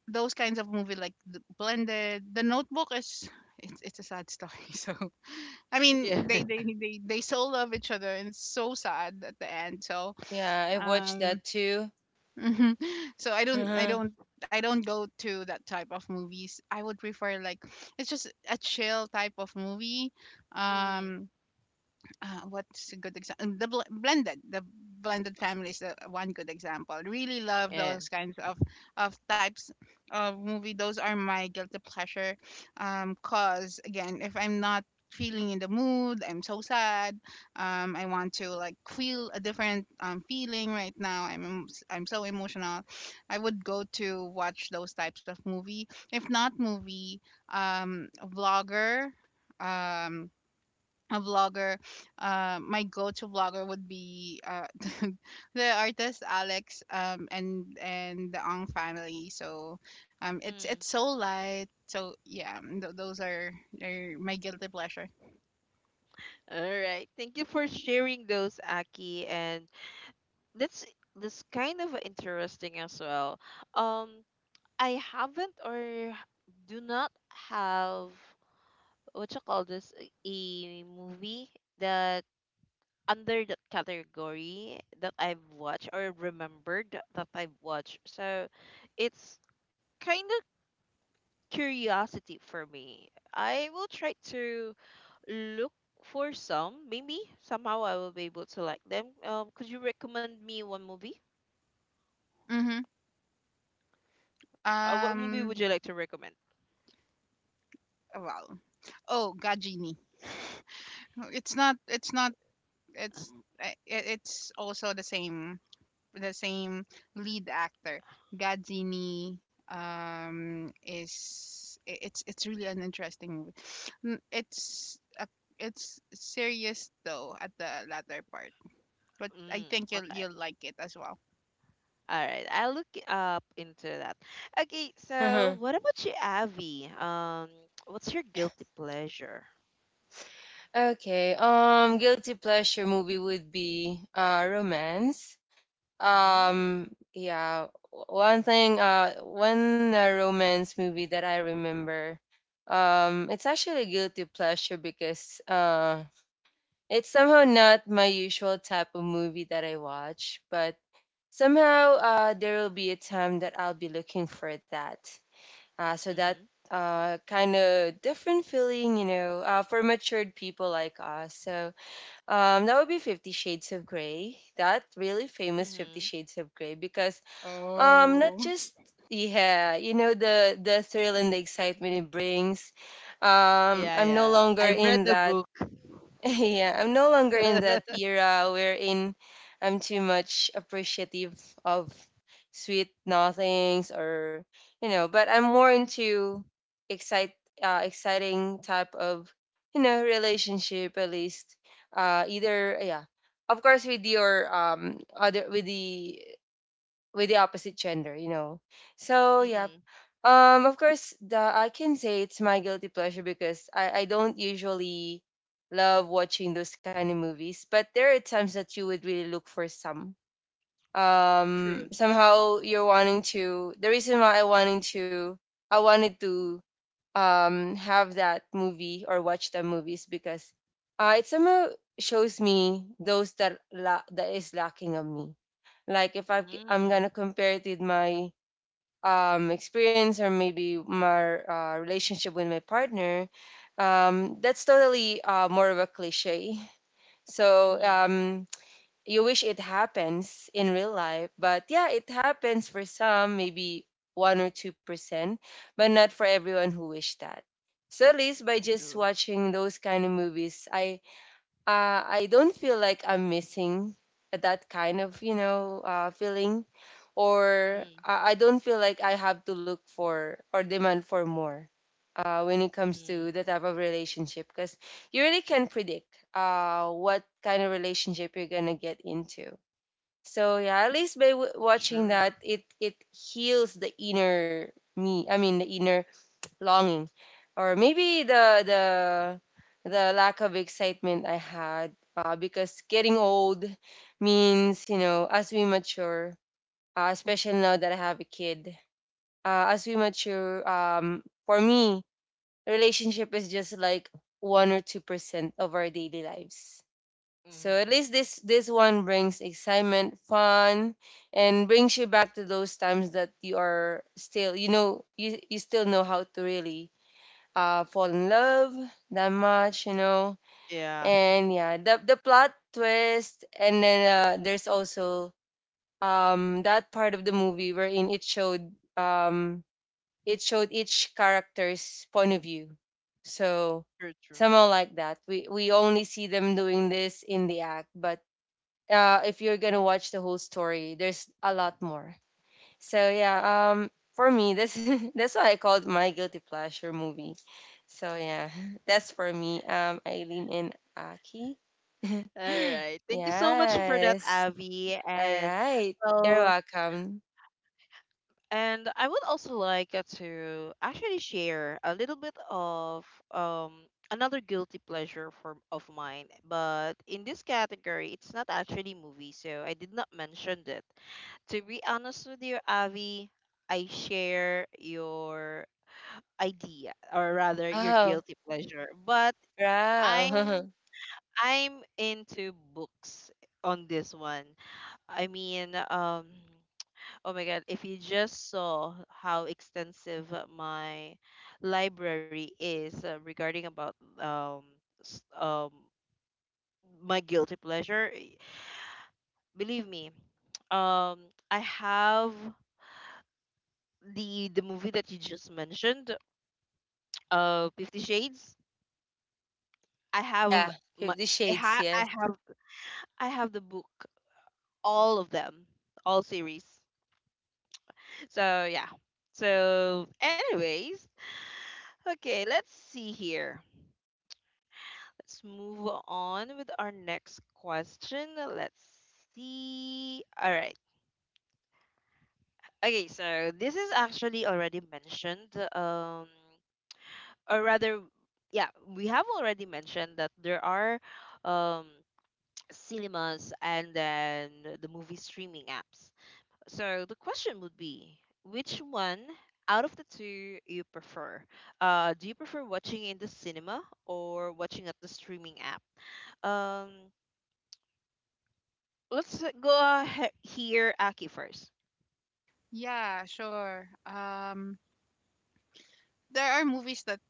those kinds of movie like the blended. The notebook is it's a sad story. So I mean
Yeah.
they so love each other, and it's so sad at the end. So
yeah, I watched
um
that too.
mhm. So
Uh-huh.
I don't go to that type of movies. I would prefer like it's just a chill type of movie.
Mm-hmm.
Um, what's a good example? Blended, the blended family is the one good example. Really love
Yeah.
those kinds of types of movie. Those are my guilty pleasure. Cause again, if I'm not feeling in the mood, I'm so sad. I want to like feel a different feeling right now. I'm so emotional. I would go to watch those types of movie. If not movie, a vlogger. Um, a vlogger, my go-to vlogger would be the artist Alex and the Ong family. So
Mm.
it's so light. So yeah, those are my guilty pleasure.
All right. Thank you for sharing those, Aki. And that's that's kind of interesting as well. Um, I haven't, or do not have, what you call this, a movie that under that category that I've watched, or remembered that I've watched. So it's kind of curiosity for me. I will try to look for some. Maybe somehow I will be able to like them. Could you recommend me one movie?
Mm-hmm.
What movie
Um.
would you like to recommend?
Well. Oh, Gajini. It's not. It's not. It's. It's also the same the same lead actor, Gadzini is it's really an interesting movie. It's a, it's serious though at the latter part, but I
Mm,
think
okay.
you'll like it as well.
All right, I'll look up into that. Okay, so
Uh-huh.
what about you, Avi? What's your guilty pleasure?
Okay. Guilty pleasure movie would be romance.
Mm.
Yeah. One thing. One romance movie that I remember. It's actually a guilty pleasure because it's somehow not my usual type of movie that I watch, but somehow there will be a time that I'll be looking for that. So that
Mhm.
kind of different feeling, you know, for matured people like us. So that would be 50 Shades of Grey, that really famous 50
Mhm.
Shades of Grey, because not
Oh.
just yeah, you know the thrill and the excitement it brings.
Yeah,
I'm no
yeah.
longer
I read
in
the
that
book.
yeah, I'm no longer in that era wherein I'm too much appreciative of sweet nothings or you know, but I'm more into excite exciting type of you know relationship. At least either yeah, of course with your other with the opposite gender, you know. So yeah.
Mhm.
Um, of course the I can say it's my guilty pleasure because I don't usually love watching those kind of movies. But there are times that you would really look for some.
True.
Somehow you're wanting to the reason why I wanted to have that movie or watch the movies because it somehow shows me those that that is lacking of me, like if I'm gonna
Mm.
compare it with my experience, or maybe my relationship with my partner, that's totally more of a cliche. So
Mhm.
you wish it happens in real life, but yeah, it happens for some, maybe 1 or 2%, but not for everyone who wish that. So at least by just
True.
watching those kind of movies, I don't feel like I'm missing that kind of feeling, or
Mm.
I don't feel like I have to look for or demand for more when it comes
Mm.
to the type of relationship, because you really can predict what kind of relationship you're gonna get into. So yeah, at least by
That's
watching
true.
that, it heals the inner me. I mean the inner longing, or maybe the the lack of excitement I had. Because getting old means, as we mature, especially now that I have a kid, as we mature, for me, relationship is just like 1 or 2% of our daily lives, so at
Mhm.
least this one brings excitement, fun, and brings you back to those times that you are still, you still know how to really fall in love that much.
Yeah.
And yeah, the plot twist, and then there's also that part of the movie wherein it showed each character's point of view. So
True. True.
somehow like that. We only see them doing this in the act, but if you're gonna watch the whole story, there's a lot more. So yeah, for me, this that's what I called my guilty pleasure movie. So yeah, that's for me. Eileen and Aki.
All right. Thank you so much for that,
Yes.
Avi.
All right. You're
Well,
welcome.
And I would also like to actually share a little bit of um, another guilty pleasure for of mine, but in this category, it's not actually movie, so I did not mention it. To be honest with you, Avi, I share your idea, or rather, your
Oh,
guilty pleasure, but I'm
wow.
I'm into books on this one. I mean. Oh my God, if you just saw how extensive my library is regarding about s- um my guilty pleasure, eh, believe me, um I have the movie that you just mentioned, 50 Shades. I
oh
have
yeah,
my
Fifty
I,
Shades.
ha- I
Yes.
have I have the book, all of them, all series. So yeah. So anyways, okay, let's see here. Let's move on with our next question. Let's see. All right. Okay, so this is actually already mentioned, or rather, yeah, we have already mentioned that there are um, cinemas and then the movie streaming apps. So the question would be, which one out of the two you prefer? Do you prefer watching in the cinema or watching at the streaming app? Um, Let's go ahead here, Aki first.
Yeah, sure. There are movies that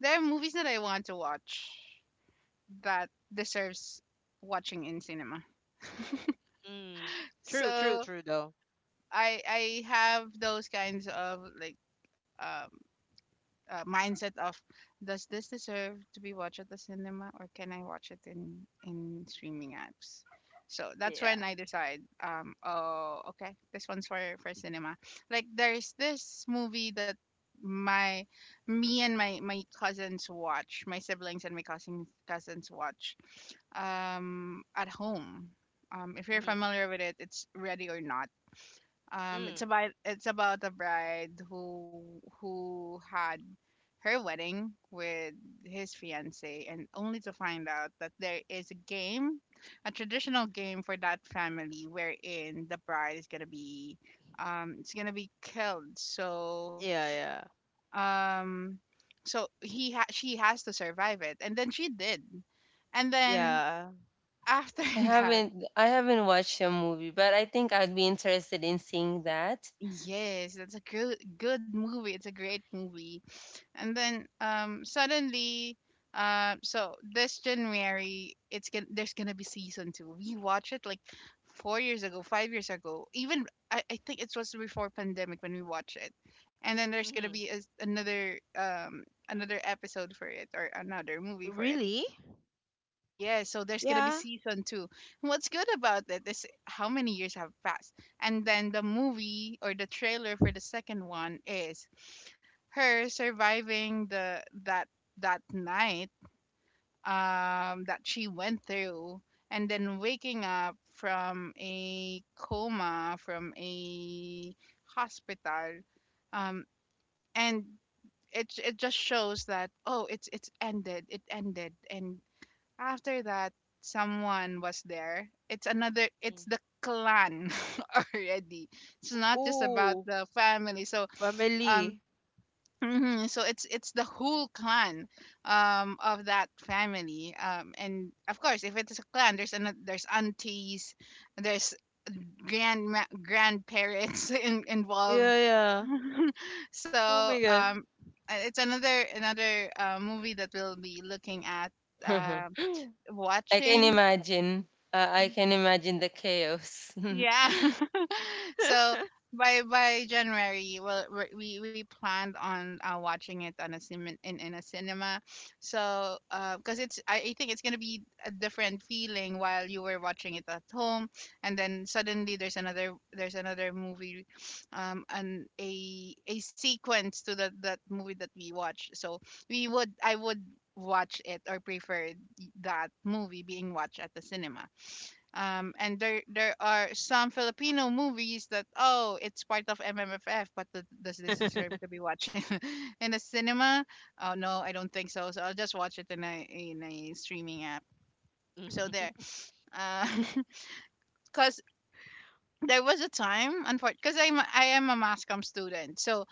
there are movies that I want to watch that deserves watching in cinema.
Mm. True, true,
So
true though.
I have those kinds of like um mindset of, does this deserve to be watched at the cinema or can I watch it in streaming apps? So that's
Yeah.
when I decide, oh, okay, this one's for cinema. Like there's this movie that my me and my cousins watch, my siblings and my cousins watch at home. If you're
Mm.
familiar with it, it's Ready or Not.
Mm.
It's about a bride who had her wedding with his fiance and only to find out that there is a game, a traditional game for that family wherein the bride is gonna be it's gonna be killed. So
Yeah, yeah.
um so she has to survive it, and then she did. And then
Yeah.
after
I
that,
haven't I haven't watched the movie, but I think I'd be interested in seeing that.
yes, that's a good movie, it's a great movie. And then suddenly uh, so this January, it's gonna there's gonna be season 2. We watch it like 4 years ago, 5 years ago even. I think it was before pandemic when we watch it. And then there's gonna
Mm.
be another another episode for it or another movie for it.
Really?
Yeah, so there's gonna be
Yeah.
season two. What's good about it is how many years have passed, and then the movie or the trailer for the second one is her surviving the that that night that she went through, and then waking up from a coma from a hospital, um and it just shows that oh it's ended, it ended. And after that, someone was there. It's another, it's
Mm.
the clan already. It's not just about
Oh,
the family. So, um,
family.
mhm, so it's the whole clan of that family um. And of course if it's a clan there's an there's aunties, there's grand grandparents involved.
Yeah, yeah.
So
Oh my god.
it's another another movie that we'll be looking at uh,
I can
watching.
imagine. I can imagine the chaos. Oh,
Yeah. So by January, well, we we planned on watching it on a cinem in a cinema. So, because it's I think it's gonna be a different feeling while you were watching it at home, and then suddenly there's another movie, and a sequence to that that movie that we watched. So we would I would watch it or prefer that movie being watched at the cinema and there are some Filipino movies that oh it's part of MMFF, but does this deserve to be watching in the cinema? Oh no, I don't think so. So I'll just watch it in a streaming app. So there,
Mm.
because there was a time, unfortunately, because I am a mass comm student, so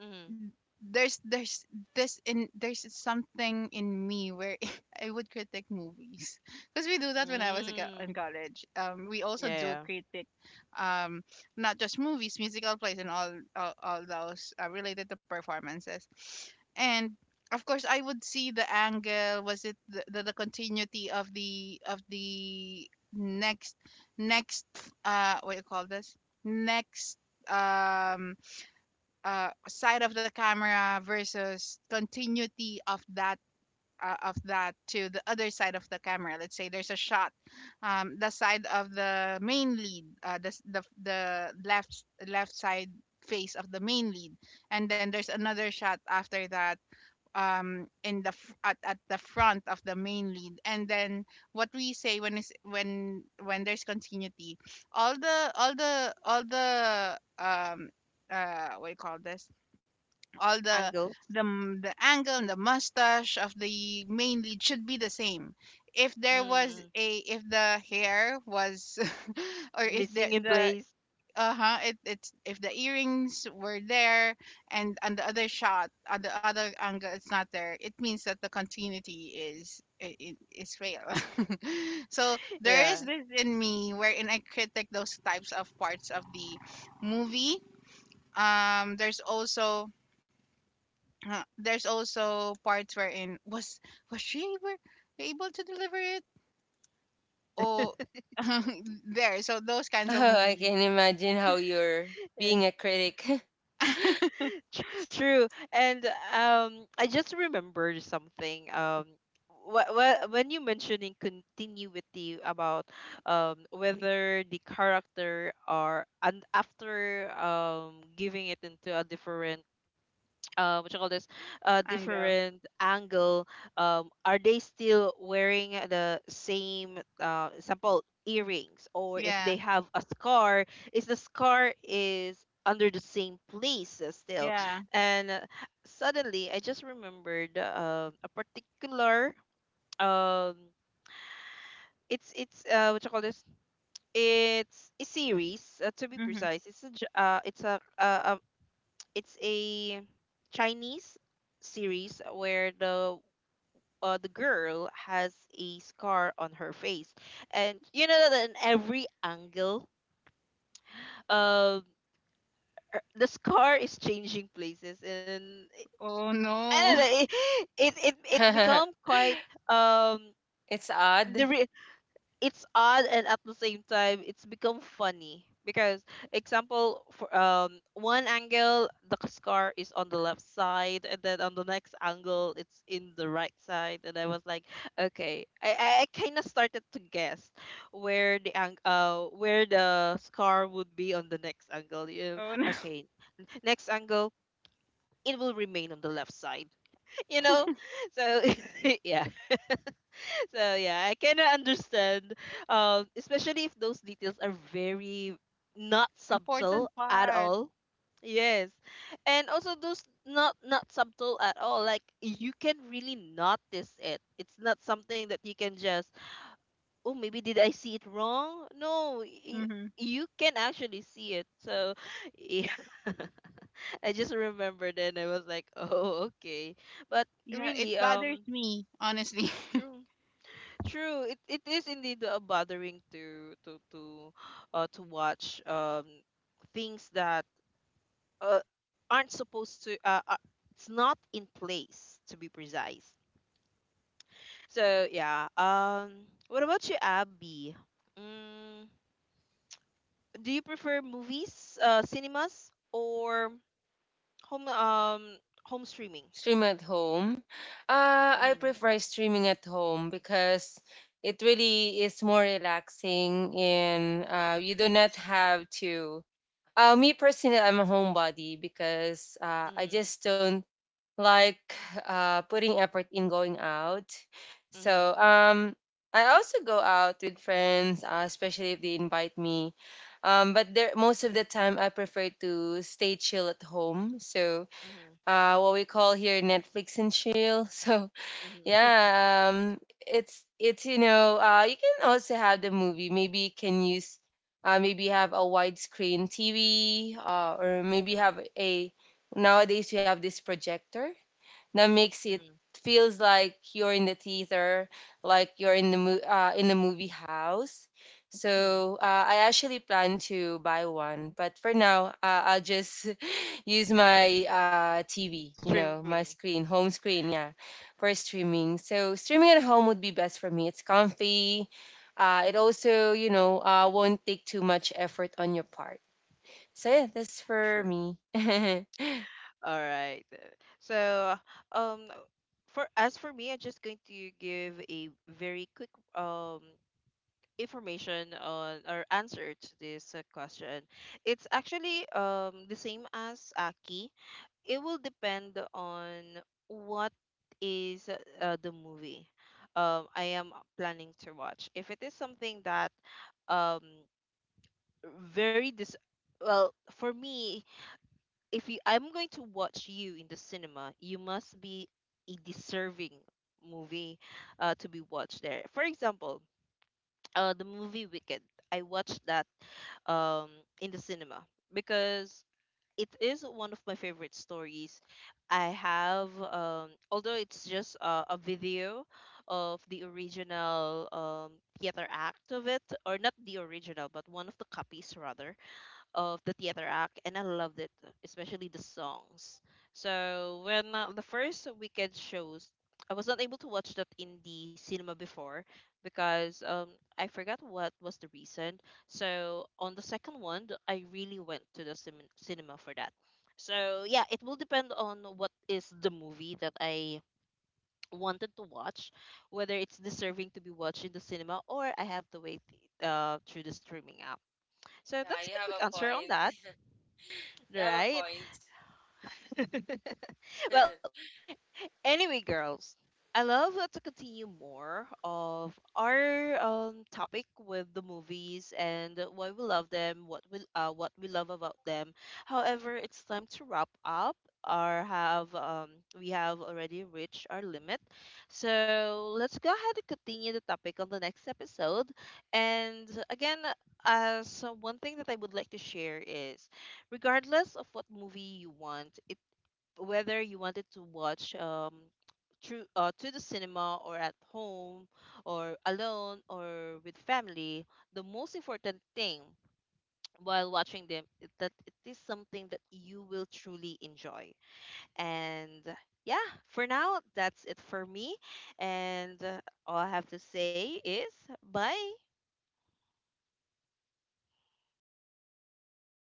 Mm.
there's there's there's something in me where I would critique movies because we do that when I was a in
Mm.
college. We
Yeah,
also do
yeah.
critique, um, not just movies, musical plays, and all those related to performances. And of course, I would see the angle. Was it the continuity of the next next what you call this next um side of the camera versus continuity of that to the other side of the camera. Let's say there's a shot, the side of the main lead, the left side face of the main lead, and then there's another shot after that in at the front of the main lead, and then what we say when is when there's continuity, all the um what do you call this all the
Angles.
the angle and the mustache of the main lead should be the same. If there was
Mm.
a if the hair was or if
Missing in
the
place.
uh-huh it's if the earrings were there and on the other shot on the other angle it's not there, it means that the continuity is is fail. So there is
Yeah.
this in me wherein I critique those types of parts of the movie there's also. Huh, there's also parts wherein was was she able, able to deliver it or there so those kinds of
I
movies.
can imagine how you're being a critic.
Tr- True. And I just remembered something. When you mentioning continuity about whether the character are and after giving it into a different what you call this
Ango.
different angle, are they still wearing the same example earrings, or if
Yeah,
they have a scar, is the scar is under the same place still,
yeah.
and suddenly I just remembered a particular um, it's what you call this it's a series to be
Hmm.
precise it's a j- it's a, it's a Chinese series where the girl has a scar on her face, and you know that in every angle, um, the scar is changing places, and
Oh
I don't
no.
know, it become quite um.
it's
the
odd.
re- it's odd and at the same time it's become funny because example for one angle the scar is on the left side and then on the next angle it's in the right side, and I was like, okay, I kind of started to guess where where the scar would be on the next angle. You,
Oh no.
okay, next angle it will remain on the left side. You know, so yeah. So yeah, I kind of understand, especially if those details are very not
Important
subtle at
part.
all. Yes, and also those not subtle at all. Like you can really notice it. It's not something that you can just, oh maybe did I see it wrong? No, you,
Hmm.
you can actually see it. So yeah, I just remembered and I was like, oh okay, but
Yeah, it
really
bothers me honestly.
true. True. It is indeed bothering to to watch things that uh aren't supposed to it's not in place, to be precise. So yeah. What about you, Abby? Mm, do you prefer movies, cinemas, or home um home streaming?
Stream at home. I
Mm-hmm.
prefer streaming at home because it really is more relaxing, and you do not have to. Me personally, I'm a homebody because I
Mm-hmm.
just don't like putting effort in going out. So I also go out with friends, especially if they invite me. But there, most of the time, I prefer to stay chill at home. So
Mm-hmm.
what we call here Netflix and chill. So
Mm-hmm. Mm-hmm.
yeah, it's you know, you can also have the movie. Maybe you can use. Maybe have a widescreen TV, or maybe have a, nowadays you have this projector that makes it feels like you're in the theater, like you're in the in the movie house.
Mm-hmm.
So I actually plan to buy one, but for now I'll just use my TV, you know,
Streaming.
my screen, home screen, yeah, for streaming. So streaming at home would be best for me. It's comfy. It also, you know, won't take too much effort on your part. So yeah, that's for
True.
me. yeah,
All right. So, um, for as for me, I'm just going to give a very quick information on or answer to this question. It's actually the same as Aki. It will depend on what is the movie I am planning to watch. If it is something that um very dis well for me, if you I'm going to watch you in the cinema, you must be a deserving movie to be watched there. For example, the movie Wicked. I watched that um, in the cinema because it is one of my favorite stories. I have, although it's just a video of the original theater act of it, or not the original, but one of the copies rather of the theater act, and I loved it, especially the songs. So when the first weekend shows, I was not able to watch that in the cinema before because I forgot what was the reason. So on the second one, I really went to the cinema for that. So yeah, it will depend on what is the movie that I wanted to watch, whether it's deserving to be watched in the cinema or I have to wait through the streaming app. So that's
you
my
have
quick
a
answer on
point.
that,
You have a
right?
point.
Well, anyway, girls, I love to continue more of our topic with the movies and why we love them, what we love about them. However, it's time to wrap up or have we have already reached our limit. So let's go ahead and continue the topic on the next episode. And again, so one thing that I would like to share is, regardless of what movie you want, whether you wanted to watch through to the cinema or at home, or alone or with family, the most important thing while watching them is that it is something that you will truly enjoy. And yeah, for now that's it for me, and all I have to say is bye.